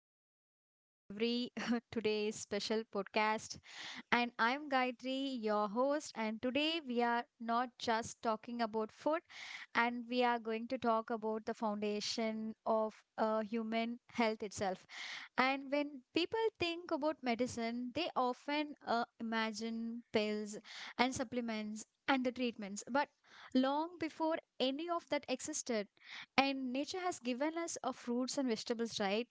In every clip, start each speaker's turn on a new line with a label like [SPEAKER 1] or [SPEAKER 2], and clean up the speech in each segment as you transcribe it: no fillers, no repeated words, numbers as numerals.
[SPEAKER 1] welcome to every today's special podcast. And I'm Gayatri, your host, and today we are not just talking about food, and we are going to talk about the foundation of human health itself. And when people think about medicine, they often imagine pills and supplements and the treatments. But long before any of that existed, and nature has given us fruits and vegetables, right?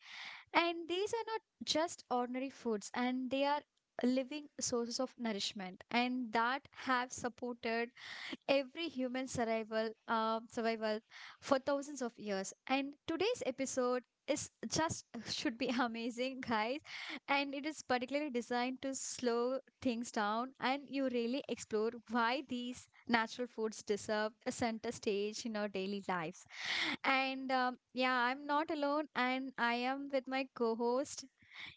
[SPEAKER 1] And these are not just ordinary foods, and they are living sources of nourishment and that have supported every human survival for thousands of years, and today's episode is just should be amazing guys, and it is particularly designed to slow things down and you really explore why these natural foods deserve a center stage in our daily lives. And yeah, I'm not alone, and I am with my co-host.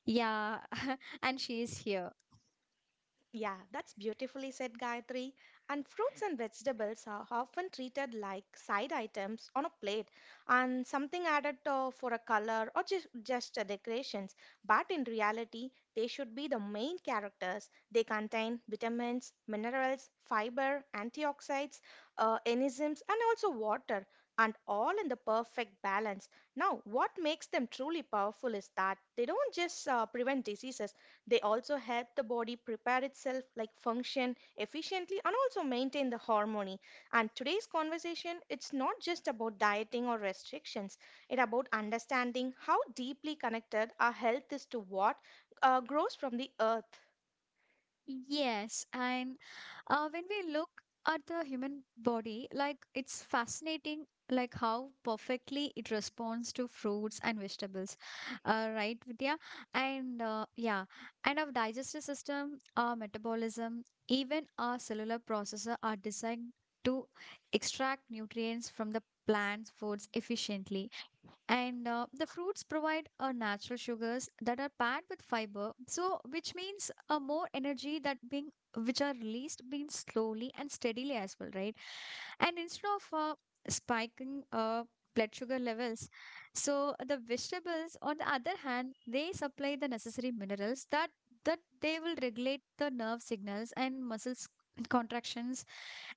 [SPEAKER 1] Yeah. And she is here.
[SPEAKER 2] Yeah, that's beautifully said, Gayatri. And fruits and vegetables are often treated like side items on a plate and something added for a color or just a decorations. But in reality, they should be the main characters. They contain vitamins, minerals, fiber, antioxidants, enzymes, and also water, and all in the perfect balance. Now, what makes them truly powerful is that they don't just prevent diseases. They also help the body prepare itself, like function efficiently and also maintain the harmony. And today's conversation, it's not just about dieting or restrictions. It's about understanding how deeply connected our health is to what grows from the earth.
[SPEAKER 1] Yes, and when we look at the human body, like it's fascinating, like how perfectly it responds to fruits and vegetables, right, Vidya? And yeah, and our digestive system, our metabolism, even our cellular processor are designed to extract nutrients from the plant's foods efficiently. And the fruits provide natural sugars that are packed with fiber, so which means more energy that being, which are released being slowly and steadily as well, right? And instead of spiking blood sugar levels, so the vegetables on the other hand, they supply the necessary minerals that they will regulate the nerve signals and muscles contractions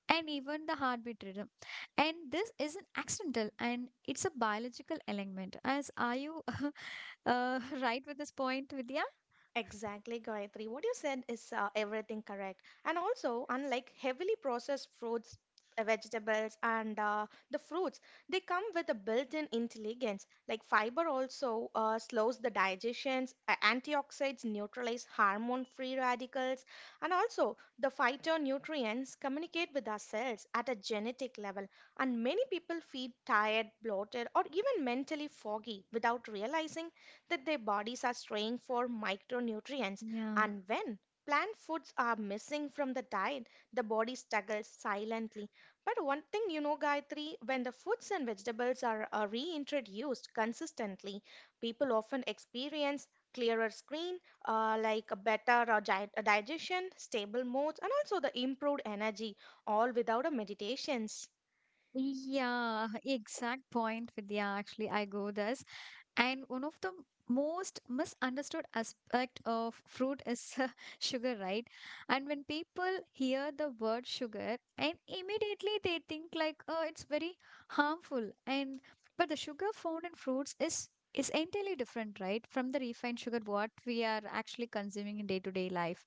[SPEAKER 1] and even the heartbeat rhythm. And this isn't accidental and it's a biological element as are you. Right with this point, Vidya.
[SPEAKER 2] Exactly, Gayatri. What you said is everything correct. And also, unlike heavily processed fruits, vegetables, and the fruits, they come with a built-in intelligence. Like fiber also slows the digestions, antioxidants neutralize hormone-free radicals, and also the phytonutrients communicate with our cells at a genetic level. And many people feel tired, bloated, or even mentally foggy without realizing that their bodies are straying for micronutrients.
[SPEAKER 1] Yeah.
[SPEAKER 2] And when plant foods are missing from the diet, the body struggles silently. But one thing you know, Gayatri, when the fruits and vegetables are reintroduced consistently, people often experience clearer screen, like a better digestion, stable moods, and also the improved energy, all without a meditations.
[SPEAKER 1] Yeah, exact point, Vidya. Actually, I go this. And one of the most misunderstood aspect of fruit is sugar, right? And when people hear the word sugar, and immediately they think like, oh, it's very harmful. And but the sugar found in fruits is entirely different, right, from the refined sugar what we are actually consuming in day-to-day life.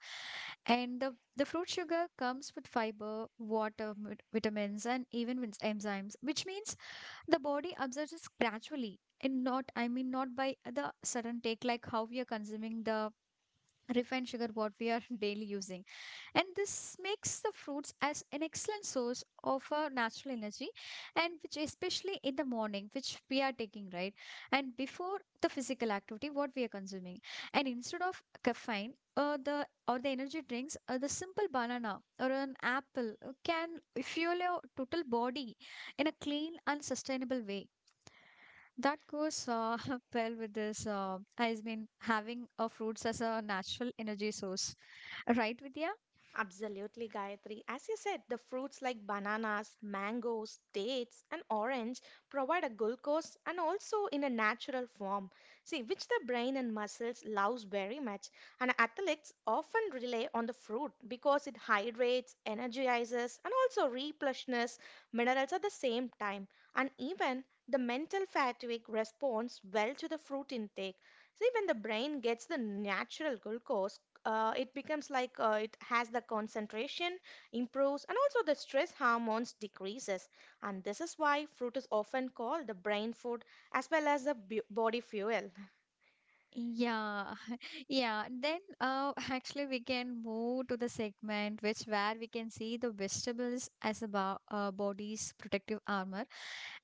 [SPEAKER 1] And the fruit sugar comes with fiber, water, vitamins, and even with enzymes, which means the body absorbs observes gradually and not, I mean, not by the sudden take, like how we are consuming the refined sugar what we are daily using. And this makes the fruits as an excellent source of natural energy, and which especially in the morning which we are taking, right? And before the physical activity what we are consuming, and instead of caffeine, the or the energy drinks, the simple banana or an apple can fuel your total body in a clean and sustainable way that goes well with this. I mean, having a fruits as a natural energy source, right, Vidya?
[SPEAKER 2] Absolutely, Gayatri. As you said, the fruits like bananas, mangoes, dates, and orange provide a glucose and also in a natural form. See, which the brain and muscles loves very much. And athletes often rely on the fruit because it hydrates, energizes, and also replenishes minerals at the same time. And even the mental fatigue responds well to the fruit intake. See, when the brain gets the natural glucose, it becomes like it has the concentration improves and also the stress hormones decreases. And this is why fruit is often called the brain food as well as the body fuel.
[SPEAKER 1] Yeah, yeah. Then actually we can move to the segment which where we can see the vegetables as a bo body's protective armor.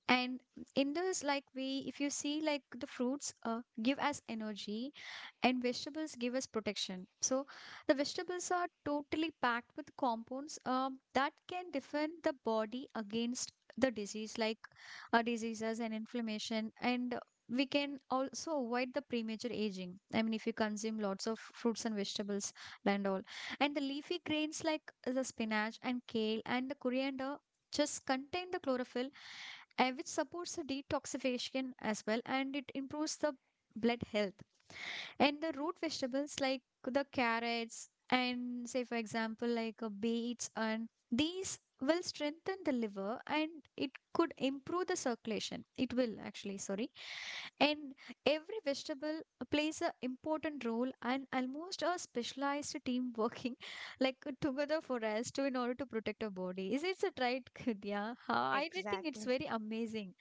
[SPEAKER 1] And in this, like we, if you see like the fruits give us energy and vegetables give us protection. So the vegetables are totally packed with compounds that can defend the body against the disease like diseases and inflammation, and we can also avoid the premature aging. I mean, if you consume lots of fruits and vegetables and all. And the leafy grains like the spinach and kale and the coriander just contain the chlorophyll, which supports the detoxification as well, and it improves the blood health. And the root vegetables like the carrots and say for example like beets, and these will strengthen the liver and it could improve the circulation. It will actually, sorry. And every vegetable plays an important role and almost a specialized team working like together for us to in order to protect our body. Is it a right, Kudya? I did think it's
[SPEAKER 2] Exactly.
[SPEAKER 1] very amazing.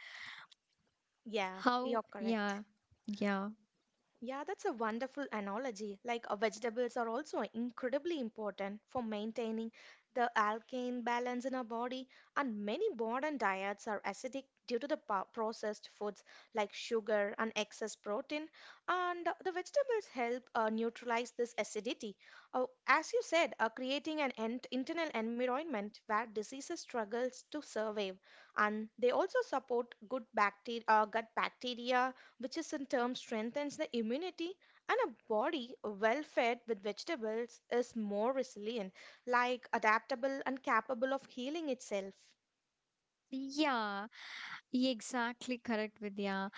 [SPEAKER 2] Yeah,
[SPEAKER 1] How,
[SPEAKER 2] you're correct.
[SPEAKER 1] yeah, yeah.
[SPEAKER 2] Yeah, that's a wonderful analogy. Like vegetables are also incredibly important for maintaining the alkane balance in our body, and many modern diets are acidic due to the processed foods like sugar and excess protein. And the vegetables help neutralize this acidity. As you said, creating an internal environment where diseases struggles to survive, and they also support good bacteria, gut bacteria which is in turn strengthens the immunity and a body well fed with vegetables is more resilient, like adaptable and capable of healing itself.
[SPEAKER 1] Yeah, exactly correct, Vidya.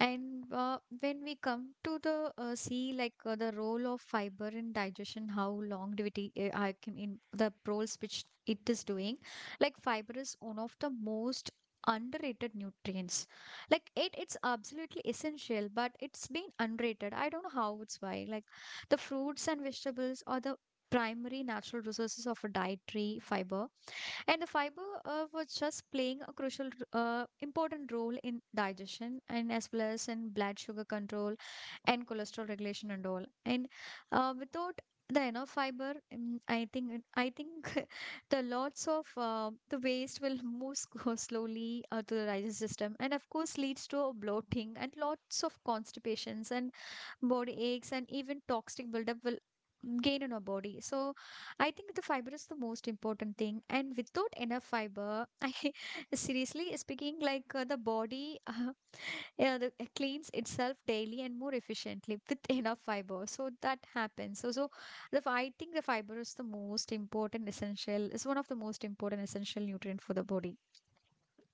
[SPEAKER 1] And when we come to the see like the role of fiber in digestion, how longevity I can in the roles which it is doing, like fiber is one of the most underrated nutrients. Like it's absolutely essential, but it's been underrated. I don't know how it's why. Like the fruits and vegetables are the primary natural resources of a dietary fiber, and the fiber was just playing a crucial, important role in digestion and as well as in blood sugar control and cholesterol regulation and all. And without the enough fiber, I think the lots of the waste will move go slowly to the digestive system, and of course leads to bloating and lots of constipations and body aches, and even toxic buildup will gain in our body. So I think the fiber is the most important thing. And without enough fiber, I seriously speaking, like the body yeah, it cleans itself daily and more efficiently with enough fiber. So that happens. So I think the fiber is the most important essential. It's one of the most important essential nutrient for the body.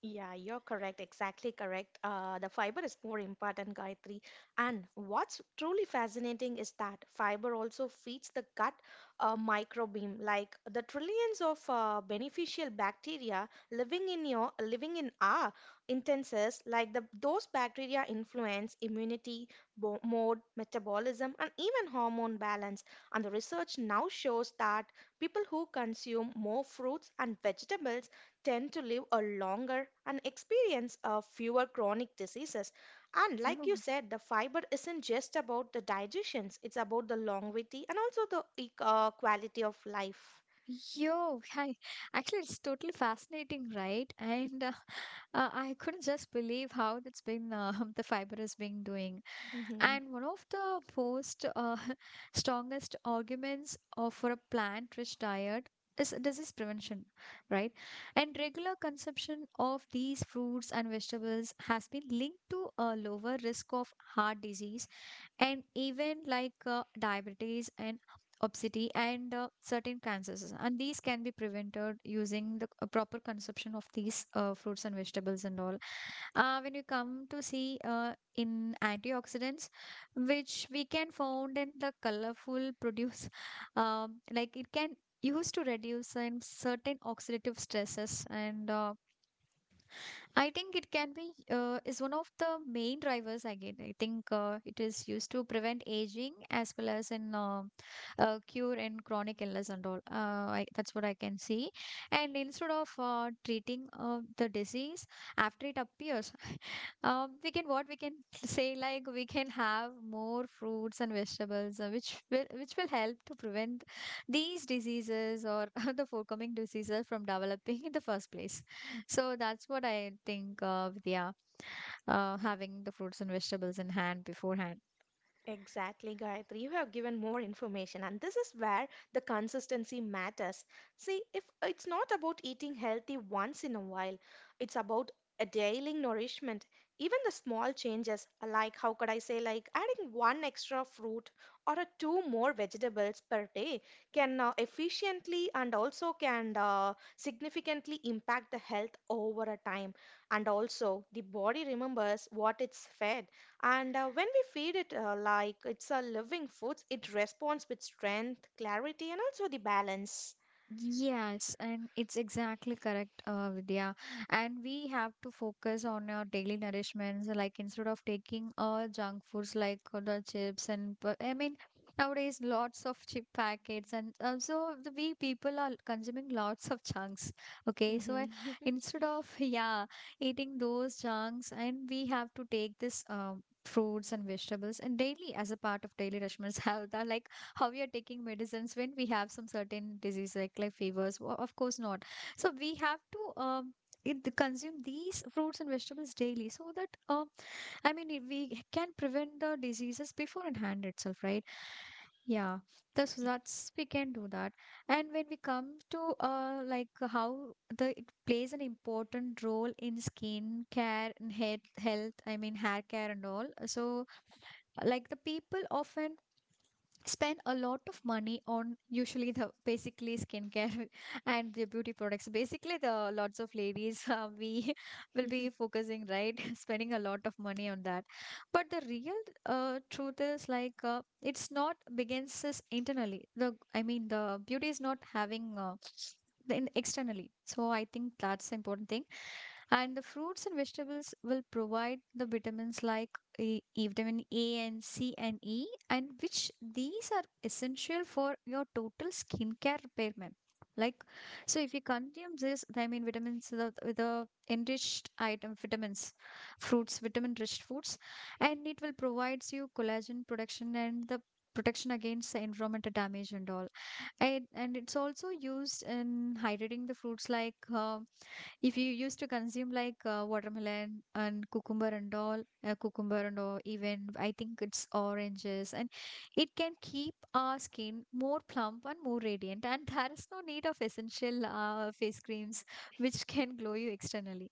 [SPEAKER 2] Yeah, you're correct. Exactly correct. The fiber is more important, Gayatri. And what's truly fascinating is that fiber also feeds the gut microbiome, like the trillions of beneficial bacteria living in our intestines. Like the those bacteria influence immunity, bo mode, metabolism, and even hormone balance. And the research now shows that people who consume more fruits and vegetables tend to live a longer and experience a fewer chronic diseases. And
[SPEAKER 1] Yeah.
[SPEAKER 2] like you said, the fiber isn't just about the digestions, it's about the longevity and also the quality of life.
[SPEAKER 1] Yo, I, actually, it's totally fascinating, right? And I couldn't just believe how that's been the fiber is being doing.
[SPEAKER 2] Mhm.
[SPEAKER 1] And one of the most strongest arguments of for a plant-rich diet is disease prevention, right? And regular consumption of these fruits and vegetables has been linked to a lower risk of heart disease and even like diabetes and obesity and certain cancers, and these can be prevented using the a proper consumption of these fruits and vegetables and all. When you come to see in antioxidants which we can found in the colorful produce, like it can used to reduce in certain oxidative stresses, and I think it can be is one of the main drivers again. I think it is used to prevent aging as well as in cure in chronic illness and all. That's what I can see. And instead of treating the disease after it appears, we can what we can say like we can have more fruits and vegetables, which will help to prevent these diseases or the forthcoming diseases from developing in the first place. So that's what I think of. Yeah, having the fruits and vegetables in hand beforehand.
[SPEAKER 2] Exactly, Gayatri. You have given more information, and this is where the consistency matters. See, if it's not about eating healthy once in a while, it's about a daily nourishment. Even the small changes, like how could I say, like adding one extra fruit or a two more vegetables per day, can efficiently and also can significantly impact the health over a time. And also, the body remembers what it's fed, and when we feed it, like it's a living food, it responds with strength, clarity, and also the balance.
[SPEAKER 1] Yes, and it's exactly correct, Vidya. And we have to focus on our daily nourishments, like instead of taking junk foods like the chips and I mean nowadays lots of chip packets and so the, we people are consuming lots of chunks. Okay, so
[SPEAKER 2] Mhm.
[SPEAKER 1] I, instead of yeah eating those chunks, and we have to take this fruits and vegetables and daily as a part of daily nourishments have that like how we are taking medicines when we have some certain disease like fevers. Well, of course not, so we have to consume these fruits and vegetables daily so that I mean we can prevent the diseases before in hand itself, right? Yeah, that's we can do that. And when we come to like how the it plays an important role in skin care and hair health, I mean hair care and all. So like the people often spend a lot of money on usually the basically skincare and the beauty products, basically the lots of ladies, we will be focusing right spending a lot of money on that. But the real truth is like it's not begins is internally the I mean the beauty is not having the in externally, so I think that's the important thing. And the fruits and vegetables will provide the vitamins like E vitamin A and C and E, and which these are essential for your total skincare repair, ma'am. Like, so if you consume this, I mean, vitamins, the enriched item, vitamins, fruits, vitamin-rich foods, and it will provides you collagen production and the protection against the environmental damage and all. And it's also used in hydrating the fruits like if you used to consume like watermelon and cucumber and all, even I think it's oranges, and it can keep our skin more plump and more radiant. And there is no need of essential face creams which can glow you externally.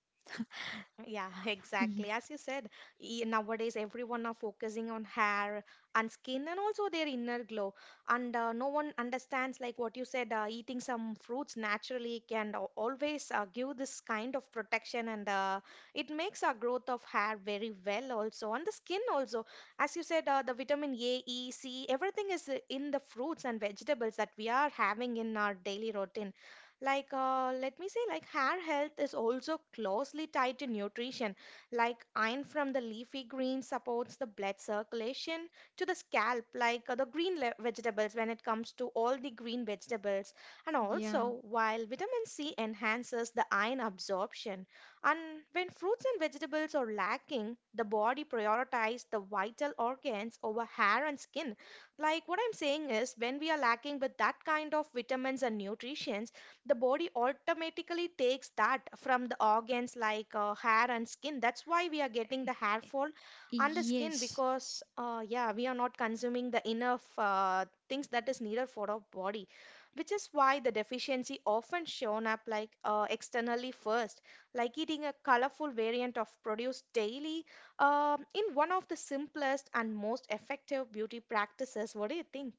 [SPEAKER 2] Yeah,
[SPEAKER 1] Yeah.
[SPEAKER 2] exactly. As you said, nowadays everyone are focusing on hair and skin and also their inner glow. And no one understands, like what you said, eating some fruits naturally can always give this kind of protection, and it makes our growth of hair very well also. And the skin also, as you said, the vitamin A, E, C, everything is in the fruits and vegetables that we are having in our daily routine. Like, let me say, like, hair health is also closely tied to nutrition. Like, iron from the leafy greens supports the blood circulation to the scalp, like the green vegetables, when it comes to all the green vegetables. And
[SPEAKER 1] Yeah.
[SPEAKER 2] also, while vitamin C enhances the iron absorption, and when fruits and vegetables are lacking, the body prioritizes the vital organs over hair and skin. Like what I'm saying is, when we are lacking with that kind of vitamins and nutrition, the body automatically takes that from the organs like hair and skin. That's why we are getting the hair fall on the skin,
[SPEAKER 1] Yes.
[SPEAKER 2] because yeah, we are not consuming the enough things that is needed for our body, which is why the deficiency often shown up like externally first, like eating a colorful variant of produce daily, in one of the simplest and most effective beauty practices. What do you think?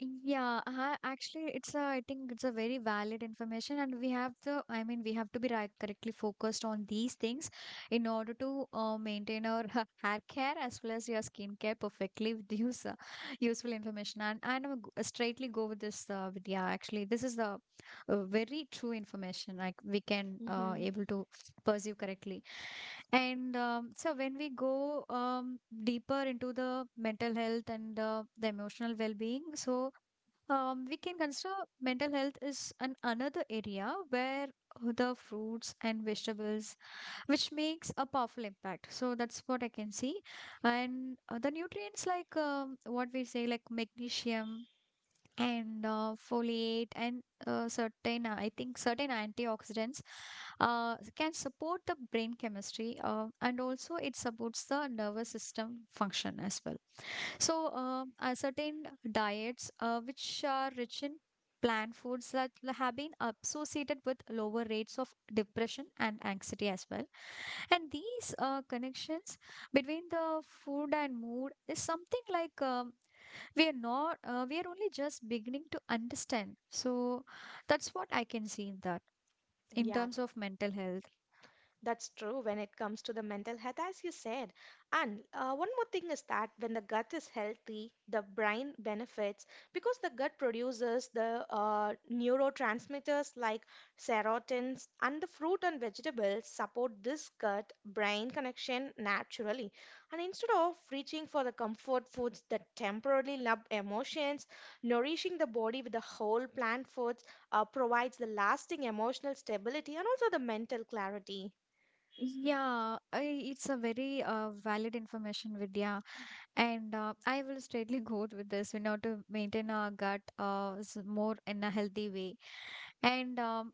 [SPEAKER 1] Actually, I think it's a very valid information, and we have to be correctly focused on these things in order to maintain our hair care as well as your skincare perfectly with use useful information. And straightly go with this, this is the very true information. Like we can
[SPEAKER 2] Hmm.
[SPEAKER 1] able to pursue correctly. And so when we go deeper into the mental health and the emotional well-being. We can consider mental health is an another area where the fruits and vegetables, which makes a powerful impact. So that's what I can see. And the nutrients like what we say like magnesium and foliate and certain, I think certain antioxidants can support the brain chemistry, and also it supports the nervous system function as well. Certain diets which are rich in plant foods have been associated with lower rates of depression and anxiety as well. And these connections between the food and mood is something like we are not, we are only just beginning to understand. So, that's what I can see in that in
[SPEAKER 2] Yeah.
[SPEAKER 1] terms of mental health.
[SPEAKER 2] That's true when it comes to the mental health, as you said. And one more thing is that when the gut is healthy, the brain benefits because the gut produces the neurotransmitters like serotins, and the fruit and vegetables support this gut brain connection naturally. And instead of reaching for the comfort foods that temporarily numb emotions, nourishing the body with the whole plant foods provides the lasting emotional stability and also the mental clarity.
[SPEAKER 1] It's a very valid information, Vidya. And I will straightly go with this. We know to maintain our gut more in a healthy way. And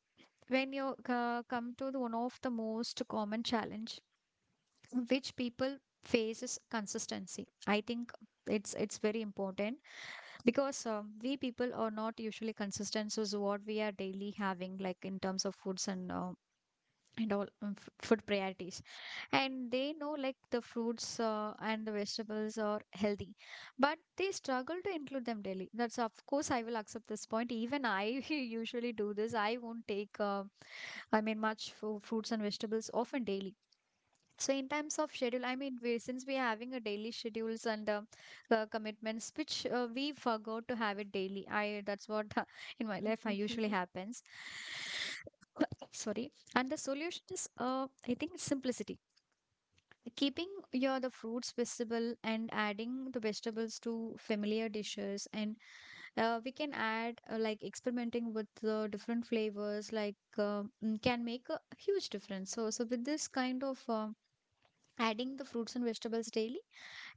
[SPEAKER 1] when you come to the one of the most common challenge which people face is consistency. I think it's very important because we people are not usually consistent. So is what we are daily having, like in terms of foods and food priorities, and they know like the fruits and the vegetables are healthy, but they struggle to include them daily. That's of course I will accept this point. Even I usually do this. I won't take I mean fruits and vegetables often daily. So in terms of schedule, since we are having a daily schedules and commitments which we forgot to have it daily. I that's what uh, in my life I usually happens. Sorry. And the solution is, I think, simplicity. Keeping your the fruits visible and adding the vegetables to familiar dishes, and we can add, like experimenting with the different flavors, like can make a huge difference. So with this kind of, adding the fruits and vegetables daily,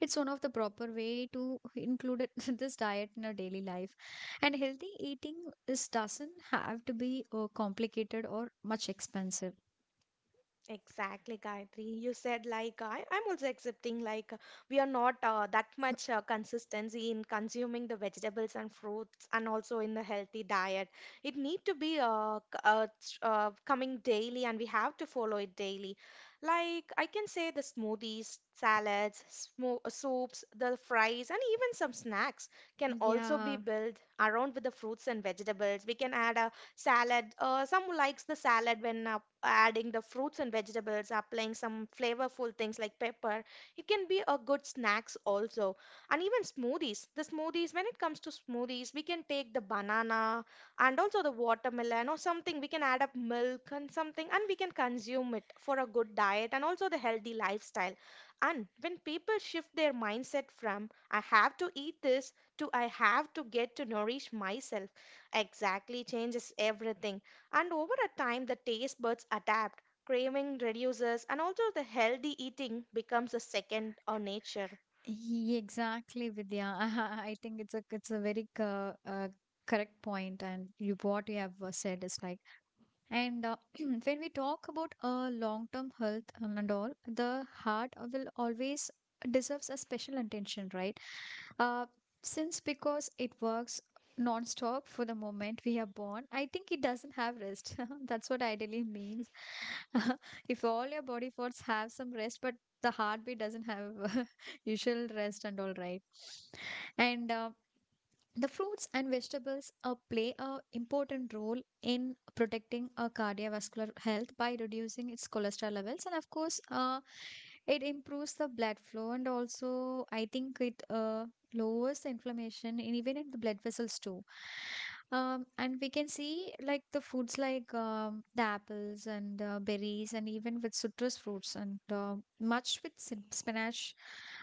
[SPEAKER 1] it's one of the proper way to include it, this diet in our daily life. And healthy eating is doesn't have to be complicated or much expensive.
[SPEAKER 2] Exactly, Gayatri. You said like I'm also accepting like we are not that much consistency in consuming the vegetables and fruits and also in the healthy diet. It need to be coming daily, and we have to follow it daily. Like I can say the smoothies, salads, smo soups, the fries, and even some snacks can also be
[SPEAKER 1] Yeah.
[SPEAKER 2] built around with the fruits and vegetables. We can add a salad. Some likes the salad when adding the fruits and vegetables, applying some flavorful things like pepper. It can be a good snacks also. And even smoothies. The smoothies, when it comes to smoothies, we can take the banana and also the watermelon or something. We can add up milk and something, and we can consume it for a good diet and also the healthy lifestyle. And when people shift their mindset from I have to eat this to I have to get to nourish myself. Exactly, changes everything. And over a time, the taste buds adapt, craving reduces, and also the healthy eating becomes a second or nature.
[SPEAKER 1] Exactly, Vidya. I think it's a, it's a very correct point, and you what you have said is like. And when we talk about long-term health and all, the heart will always deserves a special attention, right? Uh, since because it works non-stop for the moment we are born, I think it doesn't have rest. That's what ideally means. If all your body parts have some rest, but the heartbeat doesn't have usual rest and all, right? And the fruits and vegetables play a important role in protecting our cardiovascular health by reducing its cholesterol levels, and of course, it improves the blood flow. And also, I think it lowers the inflammation and even in the blood vessels too. And we can see like the foods like, the apples and berries and even with citrus fruits and much with spinach,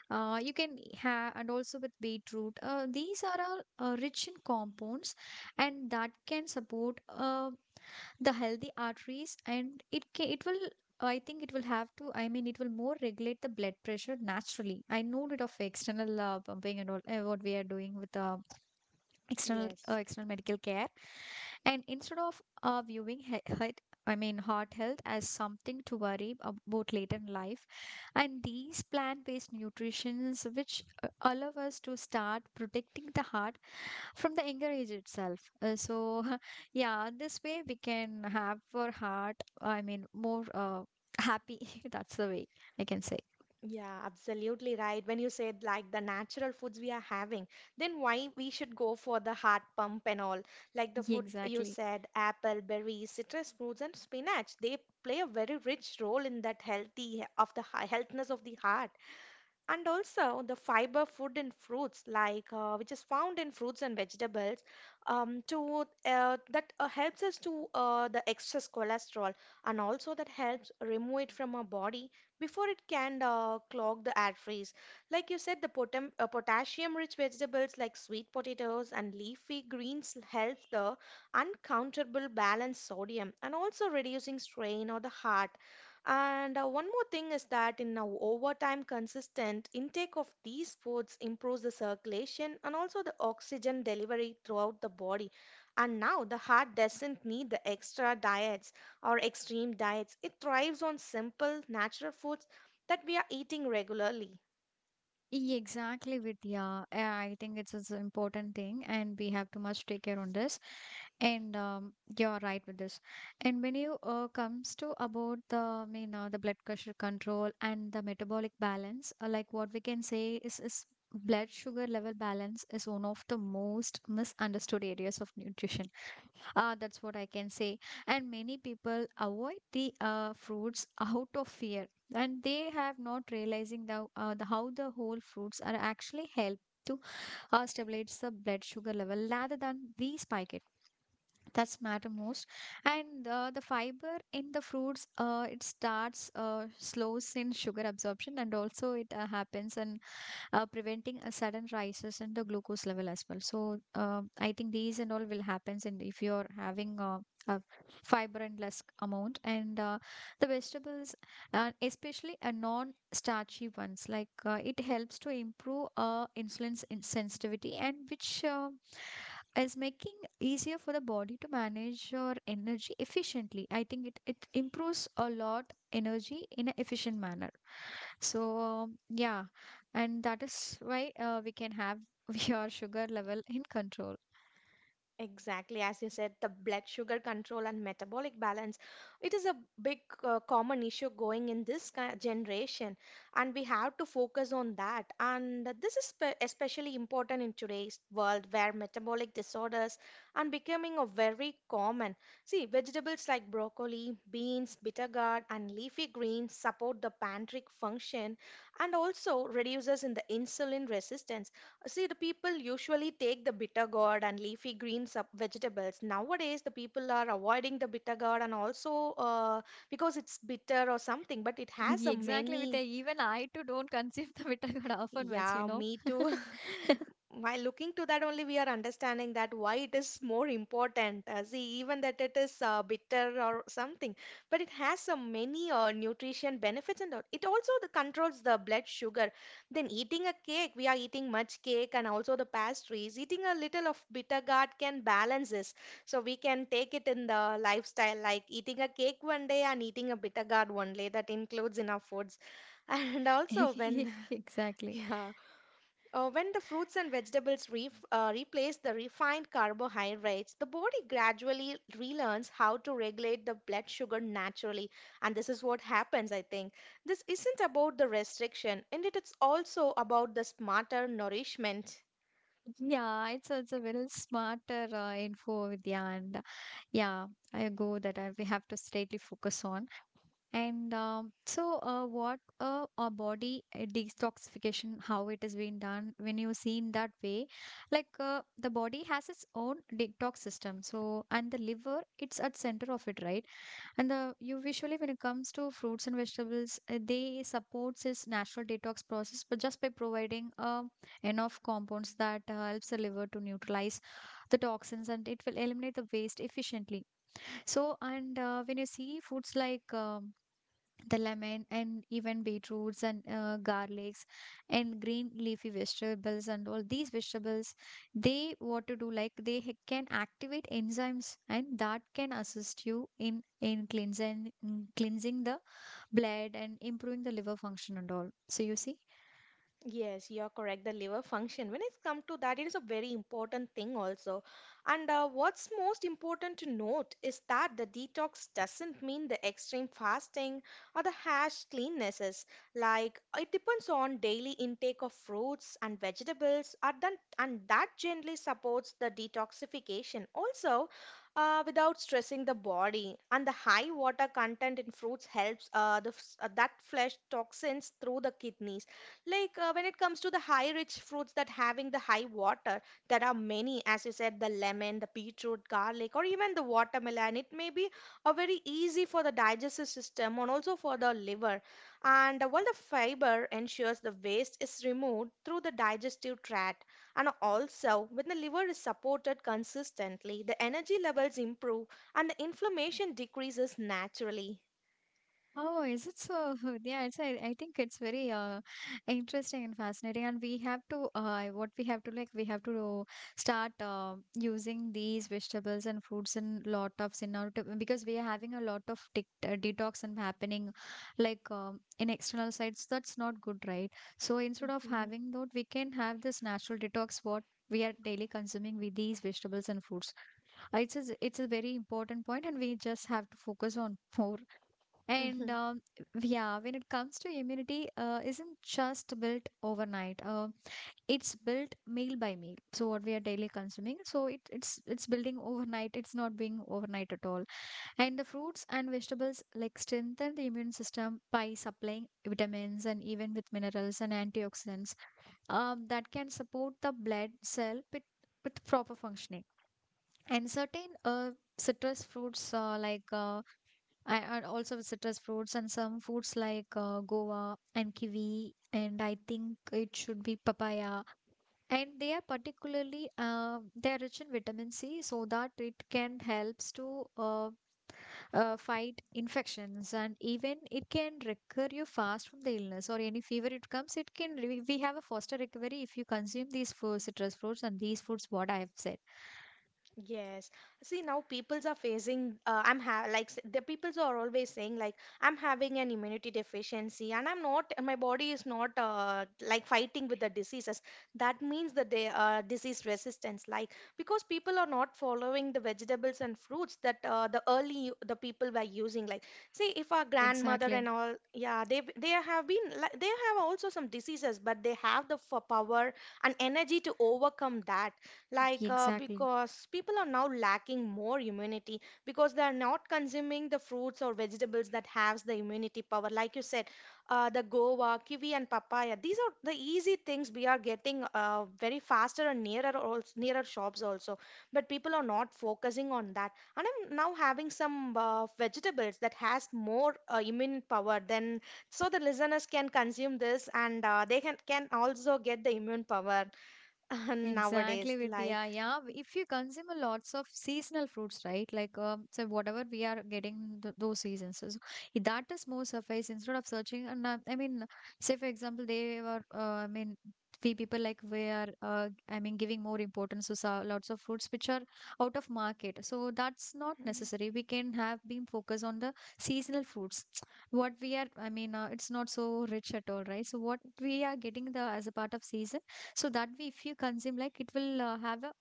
[SPEAKER 1] you can have, and also with beetroot. These are all rich in compounds, and that can support the healthy arteries, and it will. Oh, I think it will have to, I mean, it will more regulate the blood pressure naturally. I know it of external pumping and all, what we are doing with
[SPEAKER 2] Yes.
[SPEAKER 1] external medical care, and instead of viewing heart, I mean heart health, as something to worry about later in life. And these plant-based nutritions which allow us to start protecting the heart from the younger age itself. So yeah, this way we can have our heart, I mean, more happy. That's the way I can say.
[SPEAKER 2] Yeah, absolutely right. When you said like the natural foods we are having, then why we should go for the heart pump and all? Like the food you
[SPEAKER 1] Exactly.
[SPEAKER 2] said, apple, berries, citrus fruits, and spinach, they play a very rich role in that healthy of the healthiness of the heart. And also the fiber food in fruits like, which is found in fruits and vegetables, to that helps us to the excess cholesterol, and also that helps remove it from our body before it can clog the arteries. Like you said, the potassium rich vegetables like sweet potatoes and leafy greens helps the uncountable balance sodium and also reducing strain or the heart. And one more thing is that in now over time consistent intake of these foods improves the circulation and also the oxygen delivery throughout the body. And now the heart doesn't need the extra diets or extreme diets. It thrives on simple, natural foods that we are eating regularly.
[SPEAKER 1] Exactly, Vidya. I think it's an important thing, and we have to much take care on this. And you're right with this. And when you comes to about the you know the blood pressure control and the metabolic balance, like what we can say is blood sugar level balance is one of the most misunderstood areas of nutrition, that's what I can say. And many people avoid the fruits out of fear, and they have not realizing the how the whole fruits are actually help to stabilize the blood sugar level rather than we spike it. That's matter most. And the fiber in the fruits, it starts slows in sugar absorption, and also it happens and preventing a sudden rises in the glucose level as well. So I think these and all will happens, and if you're having a fiber and less amount, and the vegetables, especially a non-starchy ones, like it helps to improve insulin sensitivity, and which is making easier for the body to manage your energy efficiently. I think it improves a lot energy in an efficient manner. Yeah, and that is why we can have your sugar level in control.
[SPEAKER 2] Exactly, as you said, the blood sugar control and metabolic balance. It is a big common issue going in this generation, and we have to focus on that. And this is especially important in today's world where metabolic disorders are becoming a very common. See, vegetables like broccoli, beans, bitter gourd, and leafy greens support the pancreatic function and also reduces in the insulin resistance. See, the people usually take the bitter gourd and leafy green sub vegetables. Nowadays, the people are avoiding the bitter gourd, and also because it's bitter or something, but it has
[SPEAKER 1] Yeah,
[SPEAKER 2] a
[SPEAKER 1] exactly,
[SPEAKER 2] many.
[SPEAKER 1] even I too don't conceive the vitamin often much, you
[SPEAKER 2] Yeah,
[SPEAKER 1] know.
[SPEAKER 2] me too. While looking to that only, we are understanding that why it is more important. See, even that it is bitter or something, but it has so many nutrition benefits and all. It also the controls the blood sugar. Then eating a cake, we are eating much cake and also the pastries. Eating a little of bitter gourd can balance this. So we can take it in the lifestyle, like eating a cake one day and eating a bitter gourd one day. That includes in our foods. And also when,
[SPEAKER 1] Exactly.
[SPEAKER 2] yeah. When the fruits and vegetables ref replace the refined carbohydrates, the body gradually relearns how to regulate the blood sugar naturally. And this is what happens, I think. This isn't about the restriction, and it is also about the smarter nourishment.
[SPEAKER 1] Yeah, it's a little smarter info, Vidya, and yeah, I go that I, we have to straightly focus on. And so, what our body detoxification, how it is being done when you see in that way, like, the body has its own detox system. So, and the liver, it's at center of it, right? And the you visually when it comes to fruits and vegetables, they supports its natural detox process, but just by providing enough compounds that helps the liver to neutralize the toxins, and it will eliminate the waste efficiently. So, and when you see foods like, the lemon and even beetroots and garlics and green leafy vegetables and all these vegetables, they what to do like they can activate enzymes, and that can assist you in cleansing the blood and improving the liver function and all, so you see.
[SPEAKER 2] Yes, you're correct. The liver function, when it's come to that, it is a very important thing also. And what's most important to note is that the detox doesn't mean the extreme fasting or the harsh cleannesses. Like it depends on daily intake of fruits and vegetables, and then and that generally supports the detoxification. Also, without stressing the body, and the high water content in fruits helps that flush toxins through the kidneys like when it comes to the high rich fruits that having the high water, there are many, as you said, the lemon, the beetroot, garlic, or even the watermelon. It may be a very easy for the digestive system and also for the liver. And while the fiber ensures the waste is removed through the digestive tract, and also when the liver is supported consistently, the energy levels improve and the inflammation decreases naturally.
[SPEAKER 1] Oh, is it so? Yeah, it's I think it's very interesting and fascinating. And we have to what we have to like we have to start using these vegetables and fruits and lot of in our because we are having a lot of detox and happening like in external sites. So that's not good, right? So instead of
[SPEAKER 2] Mhm.
[SPEAKER 1] having that, we can have this natural detox. What we are daily consuming with these vegetables and fruits. It's a very important point, and we just have to focus on more. and um, yeah, when it comes to immunity, isn't just built overnight. It's built meal by meal. So what we are daily consuming, it's building overnight. It's not being overnight at all. And the fruits and vegetables like strengthen the immune system by supplying vitamins and even with minerals and antioxidants, that can support the blood cell with proper functioning. And certain citrus fruits like I and also citrus fruits and some fruits like, guava and kiwi, and I think it should be papaya, and they are particularly they are rich in vitamin C, so that it can helps to fight infections, and even it can recover you fast from the illness or any fever it comes. We have a faster recovery if you consume these citrus fruits and these fruits what I have said.
[SPEAKER 2] Yes. See, now peoples are facing, I'm ha like s- the peoples are always saying like I'm having an immunity deficiency and I'm not, my body is not like fighting with the diseases. That means that they disease resistance, like because people are not following the vegetables and fruits that the people were using. Like, see, if our grandmother
[SPEAKER 1] Exactly.
[SPEAKER 2] and all, yeah, they have been like they have also some diseases, but they have the f power and energy to overcome that. Like,
[SPEAKER 1] Exactly.
[SPEAKER 2] because people are now lacking more immunity because they are not consuming the fruits or vegetables that has the immunity power. Like you said, the guava, kiwi, and papaya. These are the easy things we are getting very faster and nearer also, nearer shops also. But people are not focusing on that. And I'm now having some vegetables that has more immune power. Then, so the listeners can consume this and uh, they can also get the immune power
[SPEAKER 1] Exactly,
[SPEAKER 2] nowadays. Like.
[SPEAKER 1] Vidya. Yeah, if you consume a lots of seasonal fruits, right? Like, so whatever we are getting in th those seasons, so that is more suffice instead of searching. And I mean, say for example, they were, I mean, we people like we are, giving more importance to lots of fruits which are out of market. So that's not necessary. We can have been focused on the seasonal fruits. What we are, I mean, it's not so rich at all, right? So what we are getting the as a part of season. So that way, if you consume, like it will have a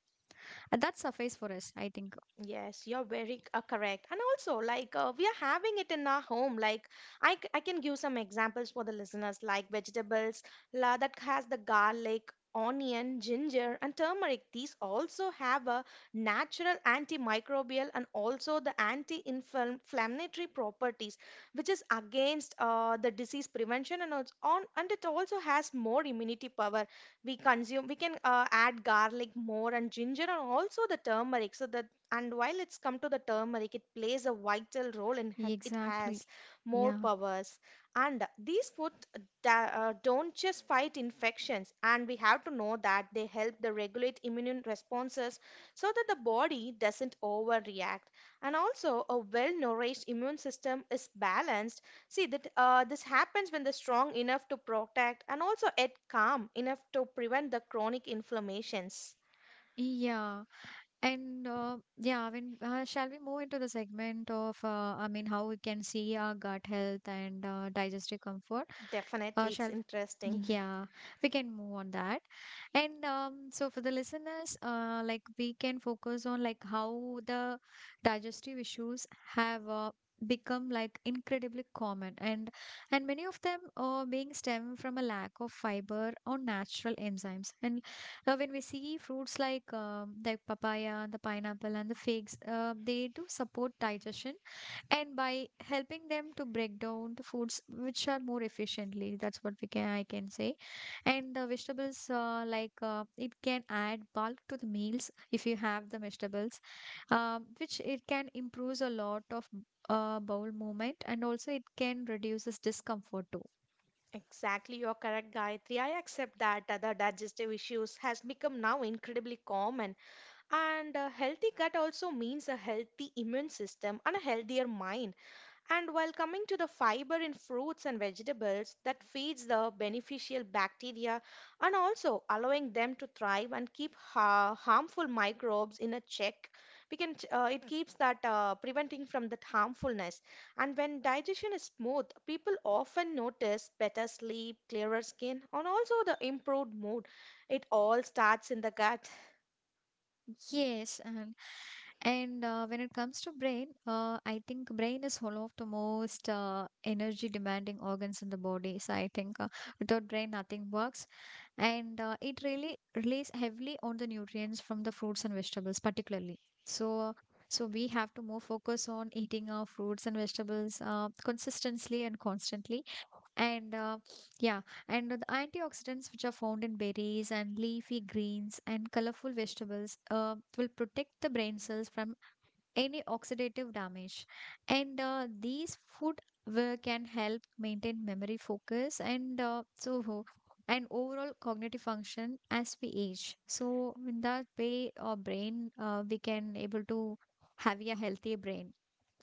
[SPEAKER 1] that suffice for us, I think.
[SPEAKER 2] Yes, you're very correct. And also, like, we are having it in our home. Like, I can give some examples for the listeners, like vegetables la, that has the garlic, onion, ginger, and turmeric. These also have a natural antimicrobial and also the anti-inflammatory properties, which is against the disease prevention and also on, and it also has more immunity power we consume we can add garlic more and ginger and also the turmeric so that and while it's come to the turmeric, it plays a vital role in it
[SPEAKER 1] Exactly.
[SPEAKER 2] has more
[SPEAKER 1] Yeah.
[SPEAKER 2] powers. And these food don't just fight infections, and we have to know that they help the regulate immune responses so that the body doesn't overreact. And also, a well-nourished immune system is balanced. See that this happens when they're strong enough to protect, and also at calm enough to prevent the chronic inflammations.
[SPEAKER 1] Yeah. And yeah, I mean, Shall we move into the segment of, how we can see our gut health and digestive comfort? Uh,
[SPEAKER 2] Definitely, it's
[SPEAKER 1] shall
[SPEAKER 2] interesting.
[SPEAKER 1] yeah, we can move on that. And so for the listeners, like we can focus on like how the digestive issues have become like incredibly common, and many of them are being stemmed from a lack of fiber or natural enzymes. And now, when we see fruits like the papaya, the pineapple, and the figs, they do support digestion and by helping them to break down the foods which are more efficiently. That's what we can I can say. And the vegetables, it can add bulk to the meals if you have the vegetables, which it can improves a lot of bowel movement, and also it can reduces discomfort too.
[SPEAKER 2] Exactly, you're correct, Gayatri. I accept that other digestive issues has become now incredibly common, and a healthy gut also means a healthy immune system and a healthier mind. And while coming to the fiber in fruits and vegetables that feeds the beneficial bacteria and also allowing them to thrive and keep harmful microbes in a check, it keeps that preventing from that harmfulness. And when digestion is smooth, people often notice better sleep, clearer skin, and also the improved mood. It all starts in the gut.
[SPEAKER 1] Yes, and when it comes to brain, I think brain is one of the most energy demanding organs in the body. So I think without brain, nothing works, and it really relies heavily on the nutrients from the fruits and vegetables particularly, so so we have to more focus on eating our fruits and vegetables consistently and constantly, and uh, yeah and the antioxidants which are found in berries and leafy greens and colorful vegetables will protect the brain cells from any oxidative damage, and these food will, can help maintain memory focus, and overall cognitive function as we age. So in that way our brain, we can able to have a healthier brain.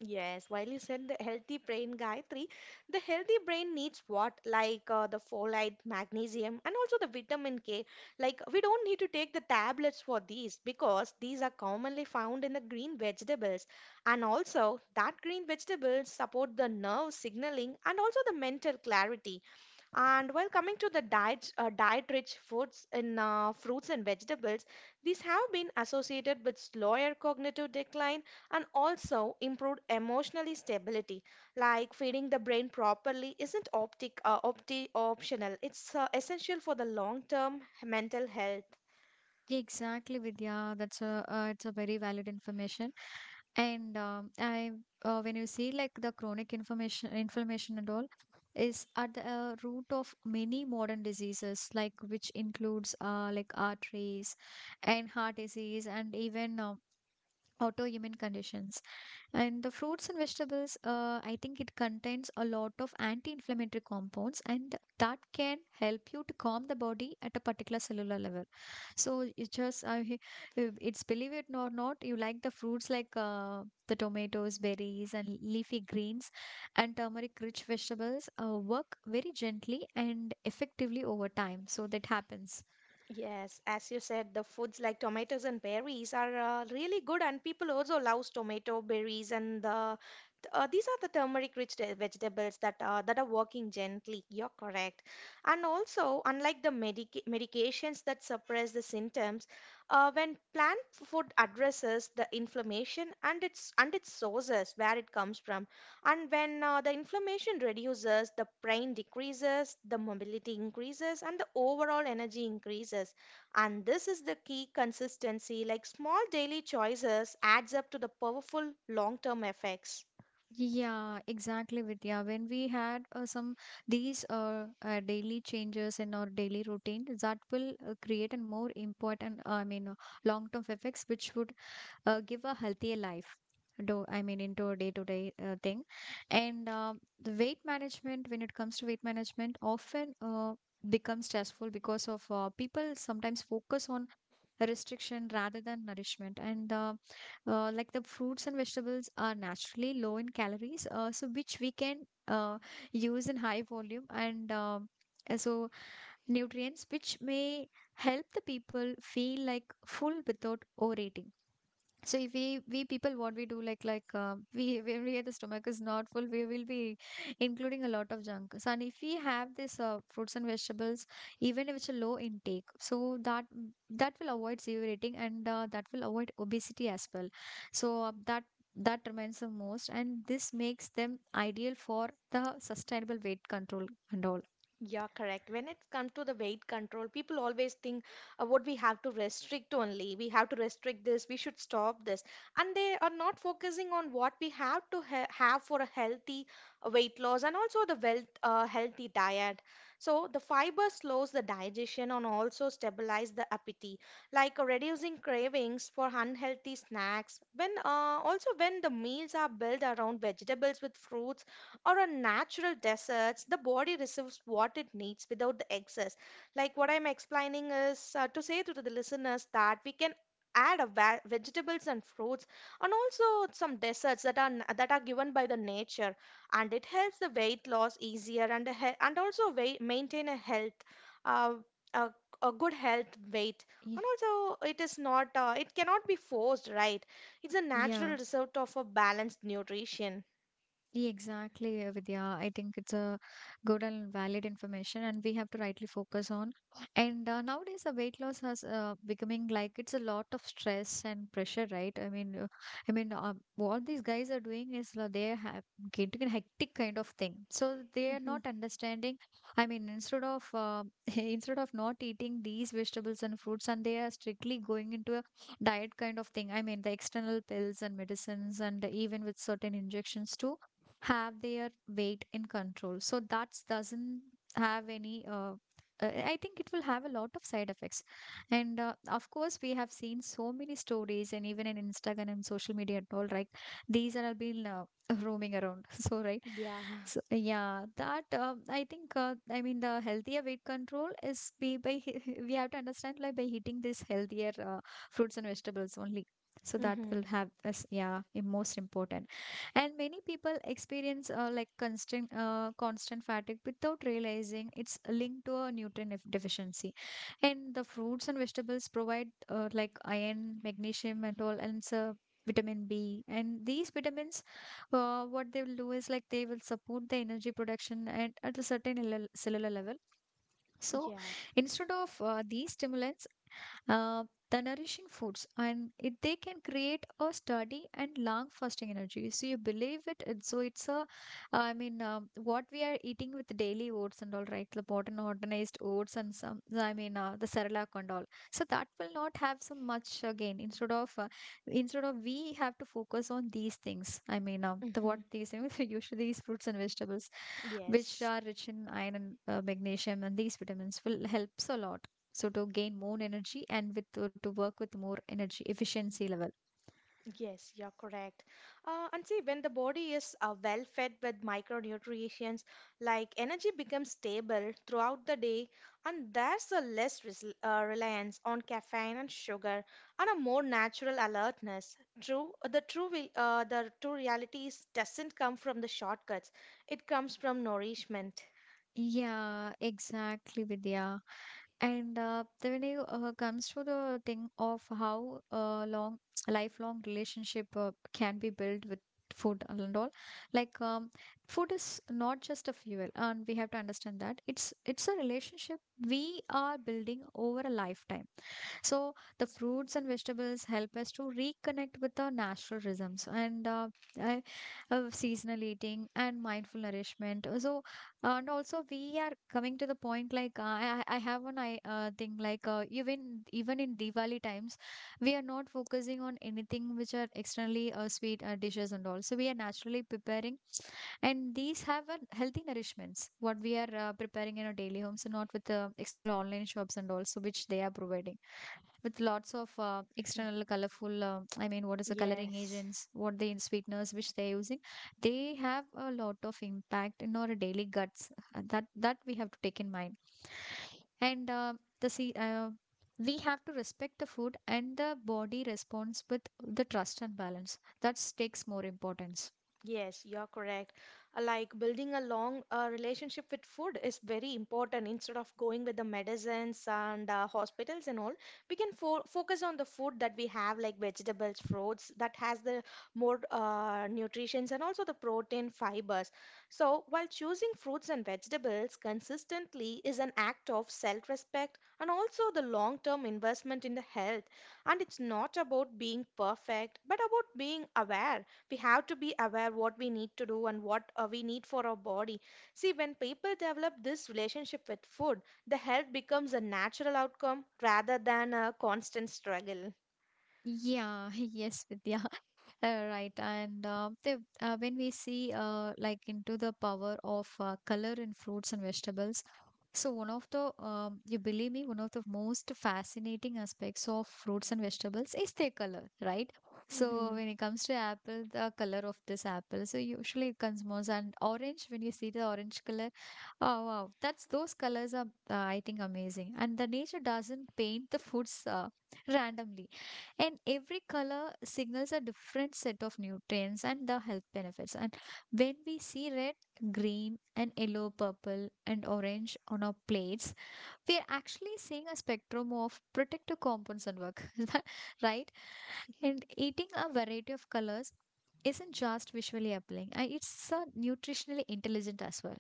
[SPEAKER 2] Yes, while you said the healthy brain, Gayatri, the healthy brain needs what? Like the folate, magnesium, and also the vitamin K. Like, we don't need to take the tablets for these because these are commonly found in the green vegetables. And also, that green vegetables support the nerve signaling and also the mental clarity. And while coming to the diet, diet-rich foods in fruits and vegetables, these have been associated with slower cognitive decline and also improved emotionally stability. Like feeding the brain properly isn't optic opti optional; it's essential for the long-term mental health.
[SPEAKER 1] Exactly, Vidya. That's a It's a very valid information. And um, I, when you see like the inflammation and all, is at the root of many modern diseases, like which includes like arteries and heart disease and even autoimmune conditions. And the fruits and vegetables, I think it contains a lot of anti-inflammatory compounds, and that can help you to calm the body at a particular cellular level. So it just, I he- It's believe it or not, you like the fruits like the tomatoes, berries, and leafy greens, and turmeric-rich vegetables work very gently and effectively over time. So that happens.
[SPEAKER 2] Yes, as you said, the foods like tomatoes and berries are really good, and people also love tomato berries and the these are the turmeric-rich vegetables that are working gently. You're correct. And also, unlike the medications that suppress the symptoms, when plant food addresses the inflammation and its sources where it comes from, and when the inflammation reduces, the pain decreases, the mobility increases, and the overall energy increases. And this is the key consistency. Like small daily choices adds up to the powerful long-term effects.
[SPEAKER 1] Yeah, exactly, Vidya. When we had some these daily changes in our daily routine, that will create a more important, long-term effects, which would give a healthier life. Do I mean into a day-to-day thing, and the weight management. When it comes to weight management, often becomes stressful because of people sometimes focus on restriction rather than nourishment, and like the fruits and vegetables are naturally low in calories, so which we can uh, use in high volume, and so nutrients which may help the people feel like full without overeating. So if we people what we do like we when we have the stomach is not full, we will be including a lot of junk. So and if we have this fruits and vegetables, even if it's a low intake, so that that will avoid severe eating, and that will avoid obesity as well. So that remains the most, and this makes them ideal for the sustainable weight control and all.
[SPEAKER 2] Yeah, correct. When it comes to the weight control, people always think what we have to restrict only. We have to restrict this. We should stop this. And they are not focusing on what we have to ha have for a healthy weight loss and also the healthy diet. So the fiber slows the digestion and also stabilize the appetite, like reducing cravings for unhealthy snacks. When also when the meals are built around vegetables with fruits or on natural deserts, the body receives what it needs without the excess. Like what I'm explaining is to say to the listeners that we can add a vegetables and fruits and also some desserts that are that are given by the nature and it helps the weight loss easier and a and also weight, maintain a health uh, a, a good health weight
[SPEAKER 1] Y-
[SPEAKER 2] and also it is not it cannot be forced right it's a natural
[SPEAKER 1] Yeah.
[SPEAKER 2] result of a balanced nutrition.
[SPEAKER 1] Yeah, exactly, Vidya. I think it's a good and valid information, and we have to rightly focus on. And nowadays, the weight loss has becoming like it's a lot of stress and pressure, right? What these guys are doing is they have getting a hectic kind of thing, so they are
[SPEAKER 2] Mhm.
[SPEAKER 1] not understanding. I mean, instead of instead of not eating these vegetables and fruits, and they are strictly going into a diet kind of thing. I mean, the external pills and medicines, and even with certain injections too have their weight in control, so that doesn't have any I think it will have a lot of side effects, and of course we have seen so many stories and even in Instagram and social media and all, right? These are all been roaming around so right.
[SPEAKER 2] Yeah.
[SPEAKER 1] So yeah, that I think I mean the healthier weight control is be by we have to understand like by eating this healthier fruits and vegetables only, so that
[SPEAKER 2] Mm-hmm.
[SPEAKER 1] will have us, yeah, most important. And many people experience constant fatigue without realizing it's linked to a deficiency, and the fruits and vegetables provide like iron, magnesium, and all, and so vitamin B, and these vitamins, what they will do is like they will support the energy production and at a certain cellular level. So
[SPEAKER 2] Yeah.
[SPEAKER 1] instead of these stimulants, uh, the nourishing foods, and it, they can create a sturdy and long-lasting energy. So you believe it. So it's a, what we are eating with daily oats and all, right? The modern organized oats and some, the Cerelac and all. So that will not have so much gain. Instead of we have to focus on these things. The
[SPEAKER 2] Mm-hmm.
[SPEAKER 1] what these things usually these fruits and vegetables which
[SPEAKER 2] Yes.
[SPEAKER 1] are rich in iron and magnesium, and these vitamins will helps a lot so to gain more energy, and with to work with more energy efficiency level.
[SPEAKER 2] Yes, you're correct. And see, when the body is well fed with micronutrients, like energy becomes stable throughout the day, and there's a reliance on caffeine and sugar, and a more natural alertness. True, the true realities doesn't come from the shortcuts. It comes from nourishment.
[SPEAKER 1] Yeah, exactly, Vidya. And when it comes to the thing of how long a lifelong relationship can be built with food and all, like food is not just a fuel, and we have to understand that it's a relationship we are building over a lifetime. So the fruits and vegetables help us to reconnect with our natural rhythms and I- seasonal eating and mindful nourishment. And also we are coming to the point like I have one I thing like even in Diwali times we are not focusing on anything which are externally sweet dishes and all. So we are naturally preparing, and these have a healthy nourishments what we are preparing in our daily homes, and not with the external online shops and also which they are providing with lots of
[SPEAKER 2] Hmm.
[SPEAKER 1] external colorful I mean what is the coloring
[SPEAKER 2] Yes.
[SPEAKER 1] agents what the in sweeteners which they're using. They have a lot of impact in our daily guts, that we have to take in mind. And the see We have to respect the food, and the body response with the trust and balance that takes more importance.
[SPEAKER 2] Yes, you're correct. Like building a long relationship with food is very important. Instead of going with the medicines and hospitals and all, we can fo focus on the food that we have, like vegetables, fruits, that has the more nutrients and also the protein fibers. So, while choosing fruits and vegetables consistently is an act of self-respect and also the long-term investment in the health. And it's not about being perfect, but about being aware. We have to be aware what we need to do and what we need for our body. See when people develop this relationship with food, the health becomes a natural outcome rather than a constant struggle.
[SPEAKER 1] Yeah. Yes, Vidya. Right, when we see like into the power of color in fruits and vegetables, so one of the you believe me, one of the most fascinating aspects of fruits and vegetables is their color, right? So
[SPEAKER 2] Mhm.
[SPEAKER 1] when it comes to apple, the color of this apple, so usually it comes more and orange. When you see the orange color. Oh wow, that's those colors are I think amazing. And the nature doesn't paint the foods randomly. And every color signals a different set of nutrients and the health benefits. And when we see red, green, and yellow, purple, and orange on our plates, we are actually seeing a spectrum of protective compounds at work, is that right? And eating a variety of colors isn't just visually appealing. It's nutritionally intelligent as well.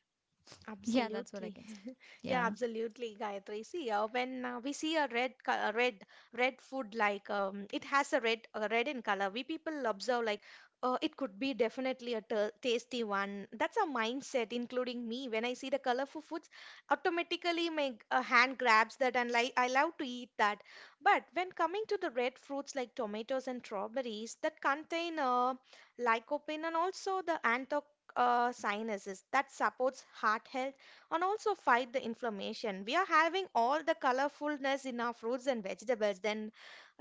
[SPEAKER 1] Yeah, that's what I
[SPEAKER 2] Absolutely.
[SPEAKER 1] can say.
[SPEAKER 2] Yeah,
[SPEAKER 1] Yeah.
[SPEAKER 2] absolutely, Gayatri. See, when we see a red, co- a red, red food like it has a red in color. We people observe like, it could be definitely a tasty one. That's our mindset, including me. When I see the colorful foods, automatically my hand grabs that and like I love to eat that. But when coming to the red fruits like tomatoes and strawberries that contain lycopene and also the sinuses that supports heart health and also fight the inflammation. We are having all the colorfulness in our fruits and vegetables. Then,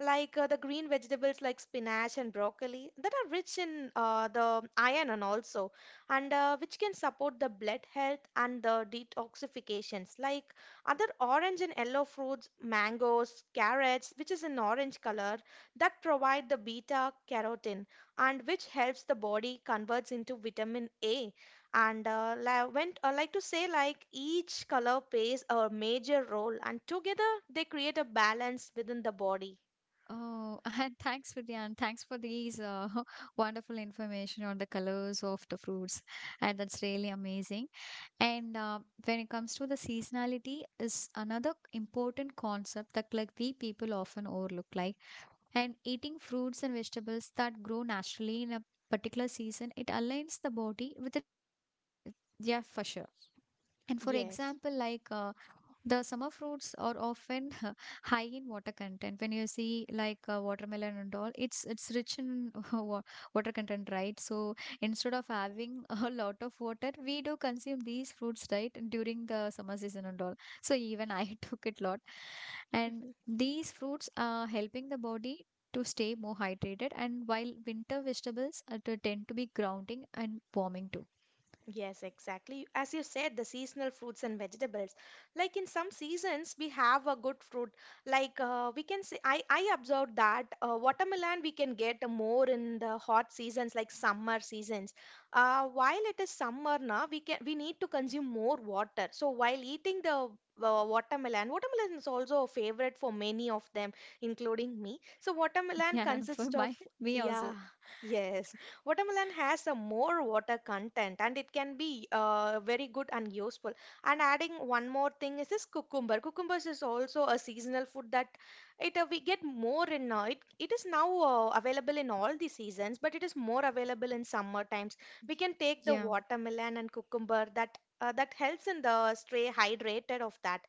[SPEAKER 2] like the green vegetables like spinach and broccoli that are rich in the iron and also and which can support the blood health and the detoxifications. Like other orange and yellow fruits, mangoes, carrots, which is an orange color that provide the beta carotene and which helps the body converts into vitamin A. And when I like to say like each color plays a major role, and together they create a balance within the body.
[SPEAKER 1] Oh, and thanks, Vidya, and thanks for these wonderful information on the colors of the fruits. And that's really amazing. And when it comes to the seasonality, is another important concept that like we people often overlook. Like, and eating fruits and vegetables that grow naturally in a particular season, it aligns the body with its environment. I yeah, for sure. And for
[SPEAKER 2] Yes.
[SPEAKER 1] example, like the summer fruits are often high in water content. When you see like watermelon and all, it's rich in water content, right? So instead of having a lot of water, we do consume these fruits, right, during the summer season and all. So even I took it lot, and these fruits are helping the body to stay more hydrated. And while winter vegetables are to tend to be grounding and warming too.
[SPEAKER 2] Yes, exactly. As you said, the seasonal fruits and vegetables. Like in some seasons, we have a good fruit. Like we can say, I observed that watermelon we can get more in the hot seasons, like summer seasons. While it is summer now, we can we need to consume more water. So while eating the watermelon, watermelon is also a favorite for many of them, including me. So watermelon
[SPEAKER 1] Yeah, for
[SPEAKER 2] consists of
[SPEAKER 1] my me
[SPEAKER 2] yeah.
[SPEAKER 1] also.
[SPEAKER 2] Yes, watermelon has a more water content and it can be very good and useful. And adding one more thing is this cucumber. Cucumbers is also a seasonal food that it we get more in. It is now available in all the seasons, but it is more available in summer times. We can take the
[SPEAKER 1] Yeah.
[SPEAKER 2] watermelon and cucumber that helps in the stay hydrated of that.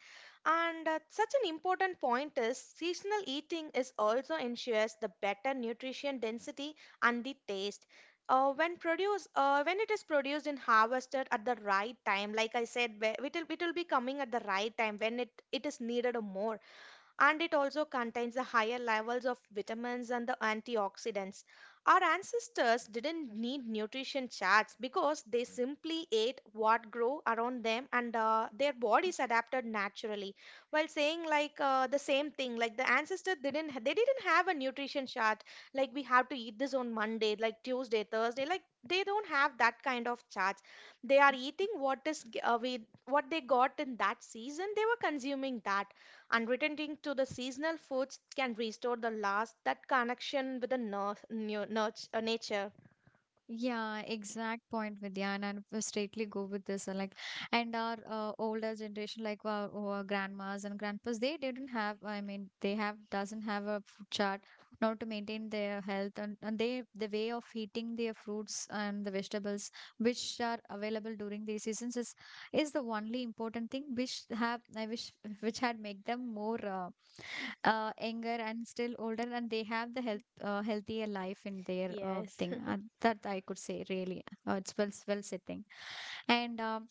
[SPEAKER 2] And such an important point is seasonal eating is also ensures the better nutrition density and the taste. When it is produced and harvested at the right time, like I said, where it will be coming at the right time when it is needed more, and it also contains the higher levels of vitamins and the antioxidants. Our ancestors didn't need nutrition charts because they simply ate what grew around them, and their bodies adapted naturally. While saying like the same thing, like the ancestor didn't have a nutrition chart, like we have to eat this on Monday, like Tuesday, Thursday, like they don't have that kind of charts, they are eating what is g- we what they got in that season they were consuming that. Unwritten link to the seasonal foods can restore the last that connection with the nature.
[SPEAKER 1] Yeah, exact point, Vidya, and I will straightly go with this. Like, and our older generation, like our grandmas and grandpas, they didn't have. I mean, they have doesn't have a food chart now to maintain their health and they the way of eating their fruits and the vegetables which are available during these seasons is the only important thing which have I wish which had make them more younger and still older, and they have the health healthier life in their
[SPEAKER 2] Yes.
[SPEAKER 1] thing. That I could say really. It's well said thing. And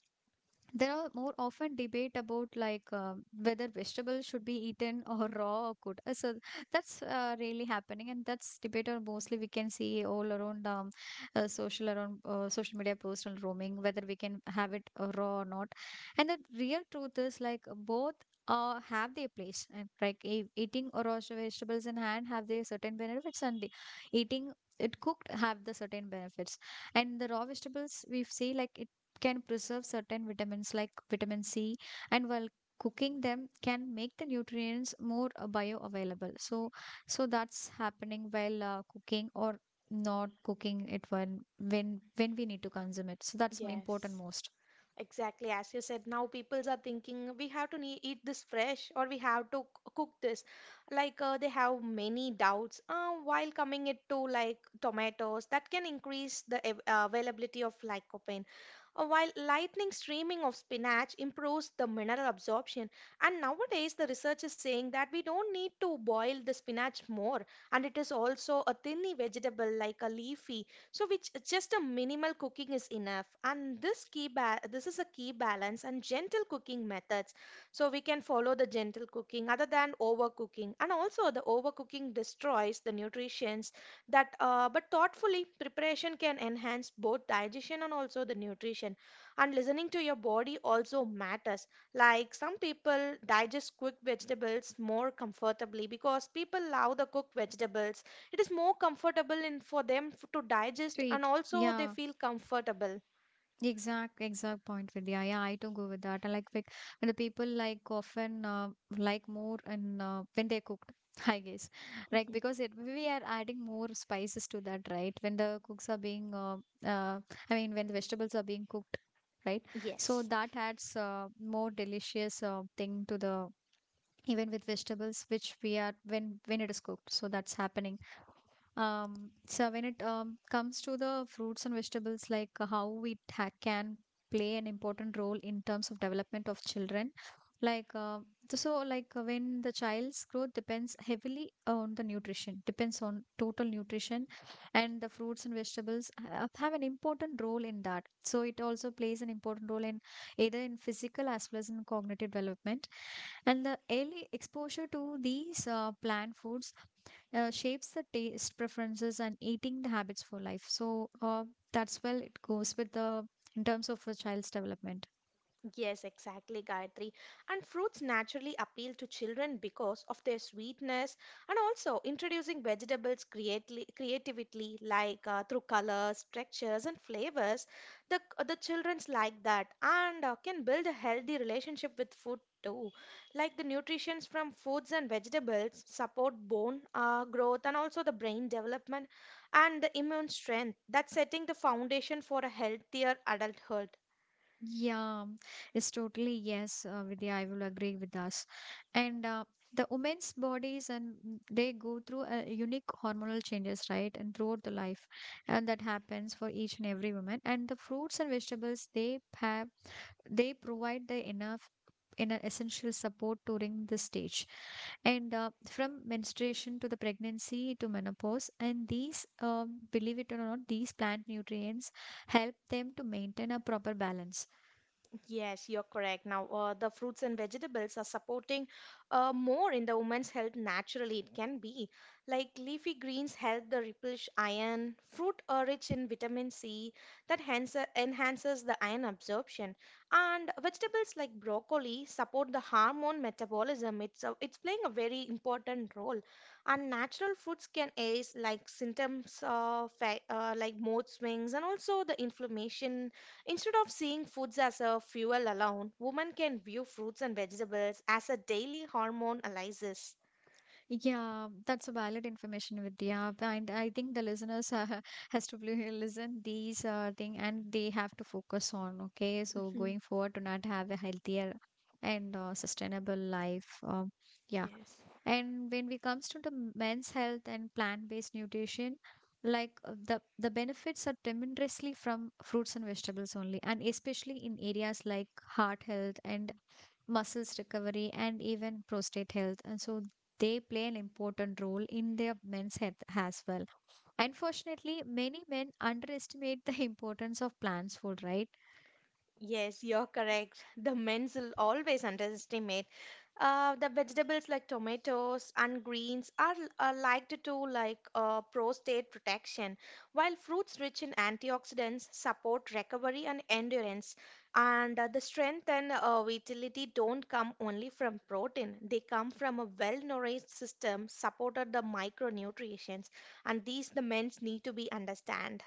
[SPEAKER 1] there are more often debate about like whether vegetables should be eaten or raw or cooked. So that's really happening, and that's debate are mostly we can see all around social around social media posts personal roaming whether we can have it raw or not. And the real truth is like both have their place. And like eating raw vegetables in hand have their certain benefits, and eating it cooked have the certain benefits and the raw vegetables we see like can preserve certain vitamins like vitamin C and while cooking them can make the nutrients more bioavailable, so that's happening while cooking or not cooking it when we need to consume it, so that's important
[SPEAKER 2] Yes.
[SPEAKER 1] most
[SPEAKER 2] Exactly, as you said, now peoples are thinking we have to ne eat this fresh or we have to cook this. Like they have many doubts while coming it to like tomatoes that can increase the availability of lycopene. While lightning streaming of spinach improves the mineral absorption, and nowadays the research is saying that we don't need to boil the spinach more, and it is also a thinly vegetable like a leafy, so which just a minimal cooking is enough. And this is a key balance and gentle cooking methods. So we can follow the gentle cooking other than overcooking. And also the overcooking destroys the nutrients that but thoughtfully preparation can enhance both digestion and also the nutrition. And listening to your body also matters. Like some people digest cooked vegetables more comfortably because people love the cooked vegetables, it is more comfortable in for them to
[SPEAKER 1] to
[SPEAKER 2] digest and
[SPEAKER 1] eat,
[SPEAKER 2] also they
[SPEAKER 1] yeah.
[SPEAKER 2] feel comfortable.
[SPEAKER 1] Exact, exact point, Vidya. Yeah, I too go with that. I like when the people like often like more and when they're cooked, I guess, like
[SPEAKER 2] Mhm.
[SPEAKER 1] because it we are adding more spices to that, right? When the cooks are being, uh, I mean, when the vegetables are being cooked, right? So
[SPEAKER 2] Yes.
[SPEAKER 1] that adds more delicious thing to the even with vegetables, which we are when it is cooked. So that's happening. So when it comes to the fruits and vegetables, like how it ha can play an important role in terms of development of children, like so, like when the child's growth depends heavily on the nutrition, depends on total nutrition, and the fruits and vegetables have an important role in that. So it also plays an important role in either in physical as well as in cognitive development, and the early exposure to these plant foods shapes the taste preferences and eating the habits for life. So that's well it goes with the in terms of a child's development.
[SPEAKER 2] Yes, exactly, Gayatri. And fruits naturally appeal to children because of their sweetness, and also introducing vegetables creatively, like through colors, textures, and flavors. The, the children's like that and can build a healthy relationship with food too. Like the nutritions from foods and vegetables support bone growth and also the brain development and the immune strength. That's setting the foundation for a healthier adulthood.
[SPEAKER 1] Yeah, it's totally yes, Vidya. I will agree with us. And the women's bodies and they go through a unique hormonal changes, right? And throughout the life, and that happens for each and every woman. And the fruits and vegetables they have they provide the enough in an essential support during this stage and from menstruation to the pregnancy to menopause, and these believe it or not, these plant nutrients help them to maintain a proper balance.
[SPEAKER 2] Yes, you're correct. Now, the fruits and vegetables are supporting more in the woman's health naturally. It can be like leafy greens help the replenish iron. Fruit are rich in vitamin C that hence enhances the iron absorption. And vegetables like broccoli support the hormone metabolism. It's playing a very important role. And natural fruits can aid like symptoms of like mood swings and also the inflammation. Instead of seeing foods as a fuel alone, women can view fruits and vegetables as a daily hormone analysis.
[SPEAKER 1] Yeah, that's a valid information, Vidya, and I think the listeners has to really listen these thing and they have to focus on, okay, so
[SPEAKER 2] Mhm.
[SPEAKER 1] going forward to not have a healthier and sustainable life, yeah.
[SPEAKER 2] Yes.
[SPEAKER 1] And when we comes to the men's health and plant-based nutrition, like the benefits are tremendously from fruits and vegetables only, and especially in areas like heart health and muscles recovery and even prostate health, and so they play an important role in their men's health as well. Unfortunately, many men underestimate the importance of plants food, right?
[SPEAKER 2] Yes, you're correct. The men's will always underestimate. The vegetables like tomatoes and greens are liked to like prostate protection, while fruits rich in antioxidants support recovery and endurance. And the strength and vitality don't come only from protein; they come from a well-nourished system supported the micronutrients, and these the men need to be understand.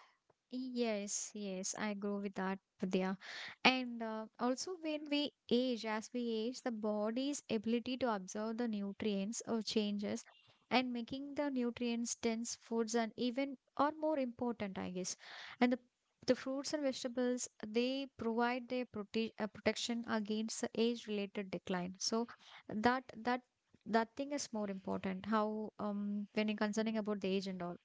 [SPEAKER 1] Yes, yes, I agree with that, Vidya. And also, when we age, as we age, the body's ability to absorb the nutrients or changes, and making the nutrients dense foods and even are more important, I guess. And the fruits and vegetables they provide their protection against the age-related decline. So that that that thing is more important. How when you're concerning about the age and all.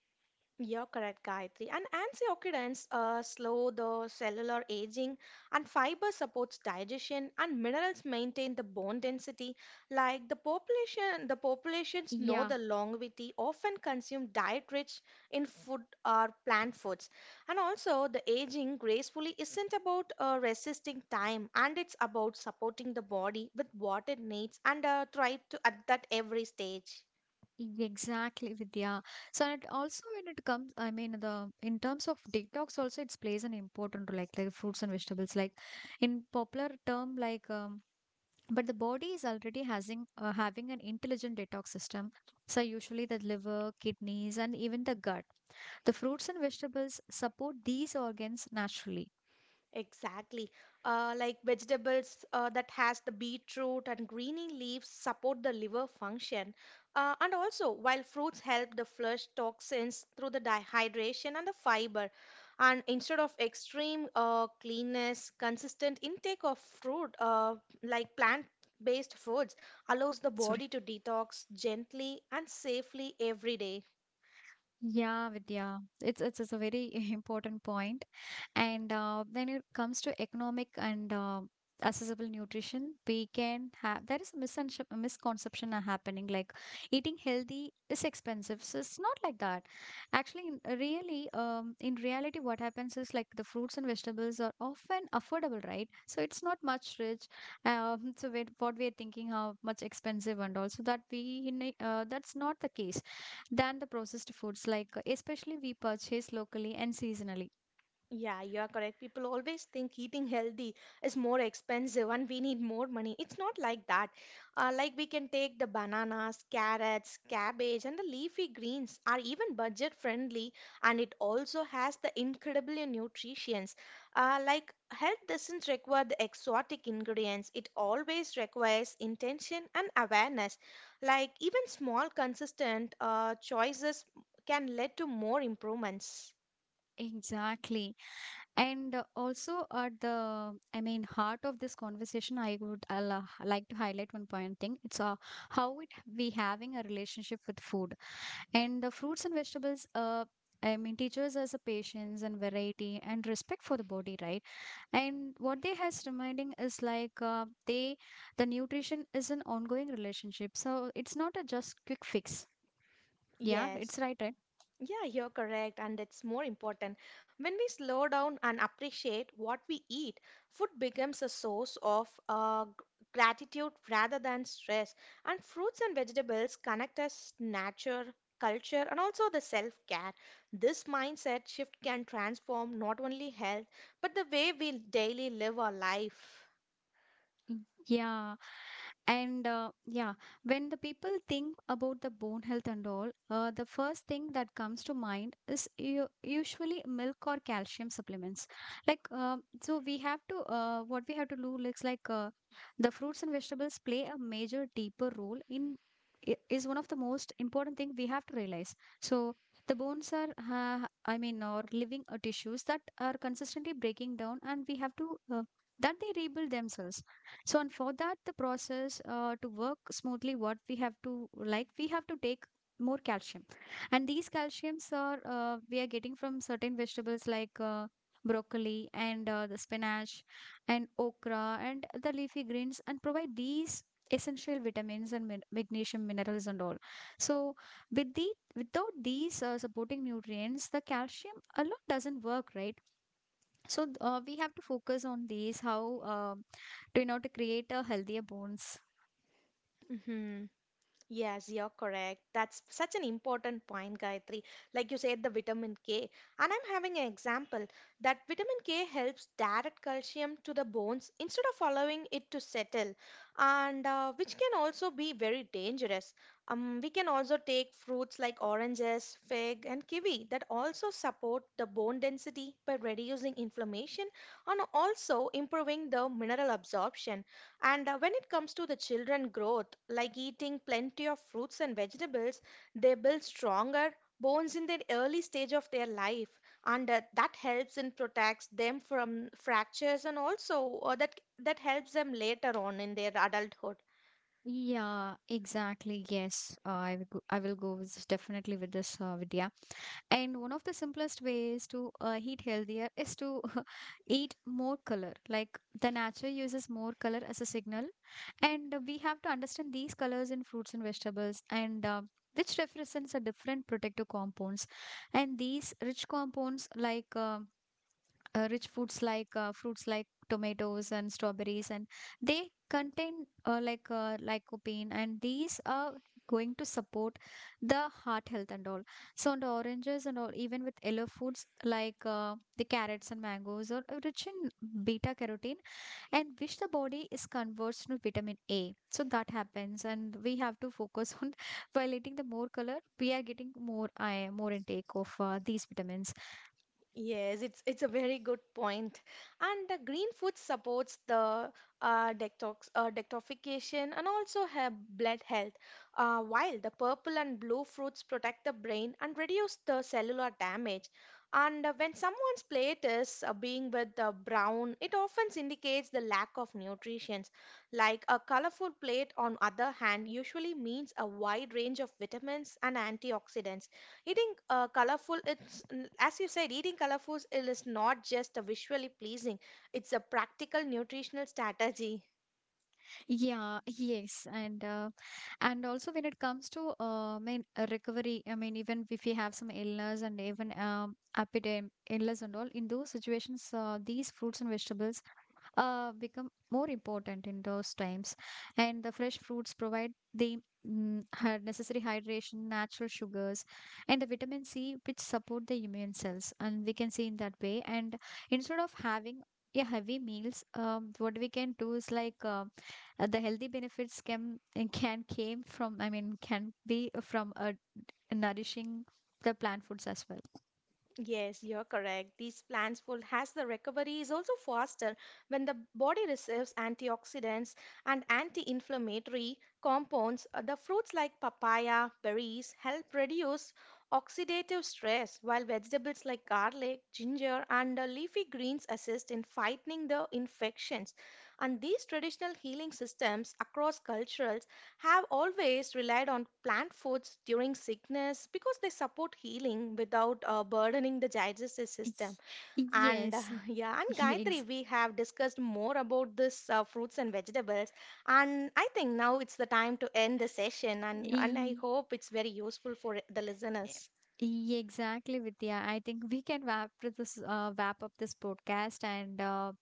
[SPEAKER 2] You're correct, Gayatri. And antioxidants slow the cellular aging, and fiber supports digestion, and minerals maintain the bone density. Like the
[SPEAKER 1] Yeah,
[SPEAKER 2] populations know the longevity often consume diet rich in food or plant foods. And also, the aging gracefully isn't about resisting time, and it's about supporting the body with what it needs and thrive to at that every stage.
[SPEAKER 1] exactly, Vidya. So and also when it comes, I mean the in terms of detox also it plays an important role, like fruits and vegetables, like in popular term like but the body is already having an intelligent detox system. So usually the liver, kidneys, and even the gut. The fruits and vegetables support these organs naturally.
[SPEAKER 2] Exactly. Like vegetables that has the beetroot and greeny leaves support the liver function. And also, while fruits help the flush toxins through the dehydration and the fiber. And instead of extreme cleanness, consistent intake of fruit, like plant-based foods, allows the
[SPEAKER 1] Sorry.
[SPEAKER 2] body to detox gently and safely every day.
[SPEAKER 1] Yeah, Vidya, it's a very important point. And when it comes to economic and accessible nutrition, we can have there is a misconception, misconception are happening like eating healthy is expensive. So it's not like that. Actually, in, really, in reality, what happens is like the fruits and vegetables are often affordable, right? So it's not much rich. So we what we are thinking how much expensive, and also that we that's not the case than the processed foods like especially we purchase locally and seasonally.
[SPEAKER 2] Yeah, you are correct. People always think eating healthy is more expensive and we need more money. It's not like that. Like we can take the bananas, carrots, cabbage, and the leafy greens are even budget friendly, and it also has the incredibly nutrients. Like health doesn't require the exotic ingredients, it always requires intention and awareness. Like even small, consistent choices can lead to more improvements.
[SPEAKER 1] Exactly. And also at the I mean heart of this conversation, I would like to highlight one point thing, it's how it we having a relationship with food and the fruits and vegetables I mean, teaches us a patience and variety and respect for the body, right? And what they has reminding is like the nutrition is an ongoing relationship. So it's not a just quick fix. Yeah,
[SPEAKER 2] Yes.
[SPEAKER 1] it's right, right?
[SPEAKER 2] Yeah, you're correct, and it's more important. When we slow down and appreciate what we eat, food becomes a source of gratitude rather than stress. And fruits and vegetables connect us nature, culture, and also the self-care. This mindset shift can transform not only health, but the way we daily live our life.
[SPEAKER 1] Yeah. And yeah, when the people think about the bone health and all, the first thing that comes to mind is usually milk or calcium supplements. Like, so we have to, what we have to do looks like the fruits and vegetables play a major deeper role in. Is one of the most important thing we have to realize. So the bones are, uh, I mean, or living tissues that are consistently breaking down, and we have to uh, that they rebuild themselves, so and for that the process to work smoothly what we have to, like we have to take more calcium, and these calciums are we are getting from certain vegetables like broccoli and the spinach and okra and the leafy greens, and provide these essential vitamins and magnesium minerals and all. So with the without these supporting nutrients, the calcium alone doesn't work, right? So we have to focus on these how to, you know, to create a healthier bones.
[SPEAKER 2] Mhm. Yes, you're correct. That's such an important point, Gayatri. Like you said, the vitamin K. And I'm having an example that vitamin K helps direct calcium to the bones instead of allowing it to settle, and which can also be very dangerous. We can also take fruits like oranges, fig, and kiwi that also support the bone density by reducing inflammation and also improving the mineral absorption. And when it comes to the children growth, like eating plenty of fruits and vegetables, they build stronger bones in their early stage of their life, and that helps and protects them from fractures, and also that helps them later on in their adulthood.
[SPEAKER 1] Yeah, exactly. Yes, I will go with this, definitely with this, Vidya. And one of the simplest ways to eat healthier is to eat more color. Like the nature uses more color as a signal, and we have to understand these colors in fruits and vegetables, and which represents a different protective compounds. And these rich compounds like rich foods like fruits like tomatoes and strawberries, and they contain lycopene, and these are going to support the heart health and all. So and oranges and all, even with yellow foods like the carrots and mangoes are rich in beta carotene, and which the body is converts to vitamin A, so that happens, and we have to focus on while eating the more color we are getting more more intake of these vitamins.
[SPEAKER 2] Yes, it's a very good point. And the green food supports the detoxification and also have blood health, while the purple and blue fruits protect the brain and reduce the cellular damage. And when someone's plate is being with the brown, it often indicates the lack of nutrition. Like a colorful plate, on other hand, usually means a wide range of vitamins and antioxidants. Eating colorful, as you said, eating colorful is not just a visually pleasing, it's a practical nutritional strategy.
[SPEAKER 1] Yeah, yes, and also when it comes to recovery, I mean even if we have some illness and even epidemic illness and all, in those situations, these fruits and vegetables become more important in those times, and the fresh fruits provide the necessary hydration, natural sugars, and the vitamin C which support the immune cells, and we can see in that way. And instead of having a heavy meals, what we can do is like the healthy benefits can eh, can came from I mean can be from a nourishing the plant foods as well.
[SPEAKER 2] Yes, you're correct. These plants will has the recovery is also faster when the body receives antioxidants and anti-inflammatory compounds. The fruits like papaya, berries help reduce oxidative stress, while vegetables like garlic, ginger, and leafy greens assist in fighting the infections. And these traditional healing systems across cultures have always relied on plant foods during sickness because they support healing without burdening the digestive system.
[SPEAKER 1] Yes,
[SPEAKER 2] And yeah, and
[SPEAKER 1] yes,
[SPEAKER 2] Gayatri, we have discussed more about this fruits and vegetables. And I think now it's the time to end the session. And I
[SPEAKER 1] e-
[SPEAKER 2] hope it's very useful for the listeners.
[SPEAKER 1] E- Exactly, Vidya. I think we can wrap up this podcast, and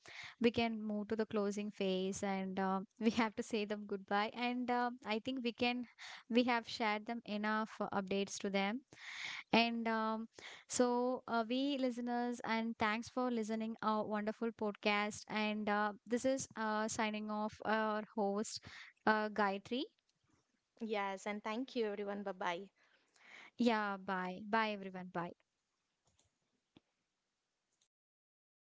[SPEAKER 1] we can move to the closing phase, and we have to say them goodbye. And I think we can we have shared them enough updates to them. And we listeners, and thanks for listening our wonderful podcast. And this is signing off our host, Gayatri.
[SPEAKER 2] Yes, and thank you, everyone. Bye bye.
[SPEAKER 1] Yeah, bye, bye everyone, bye.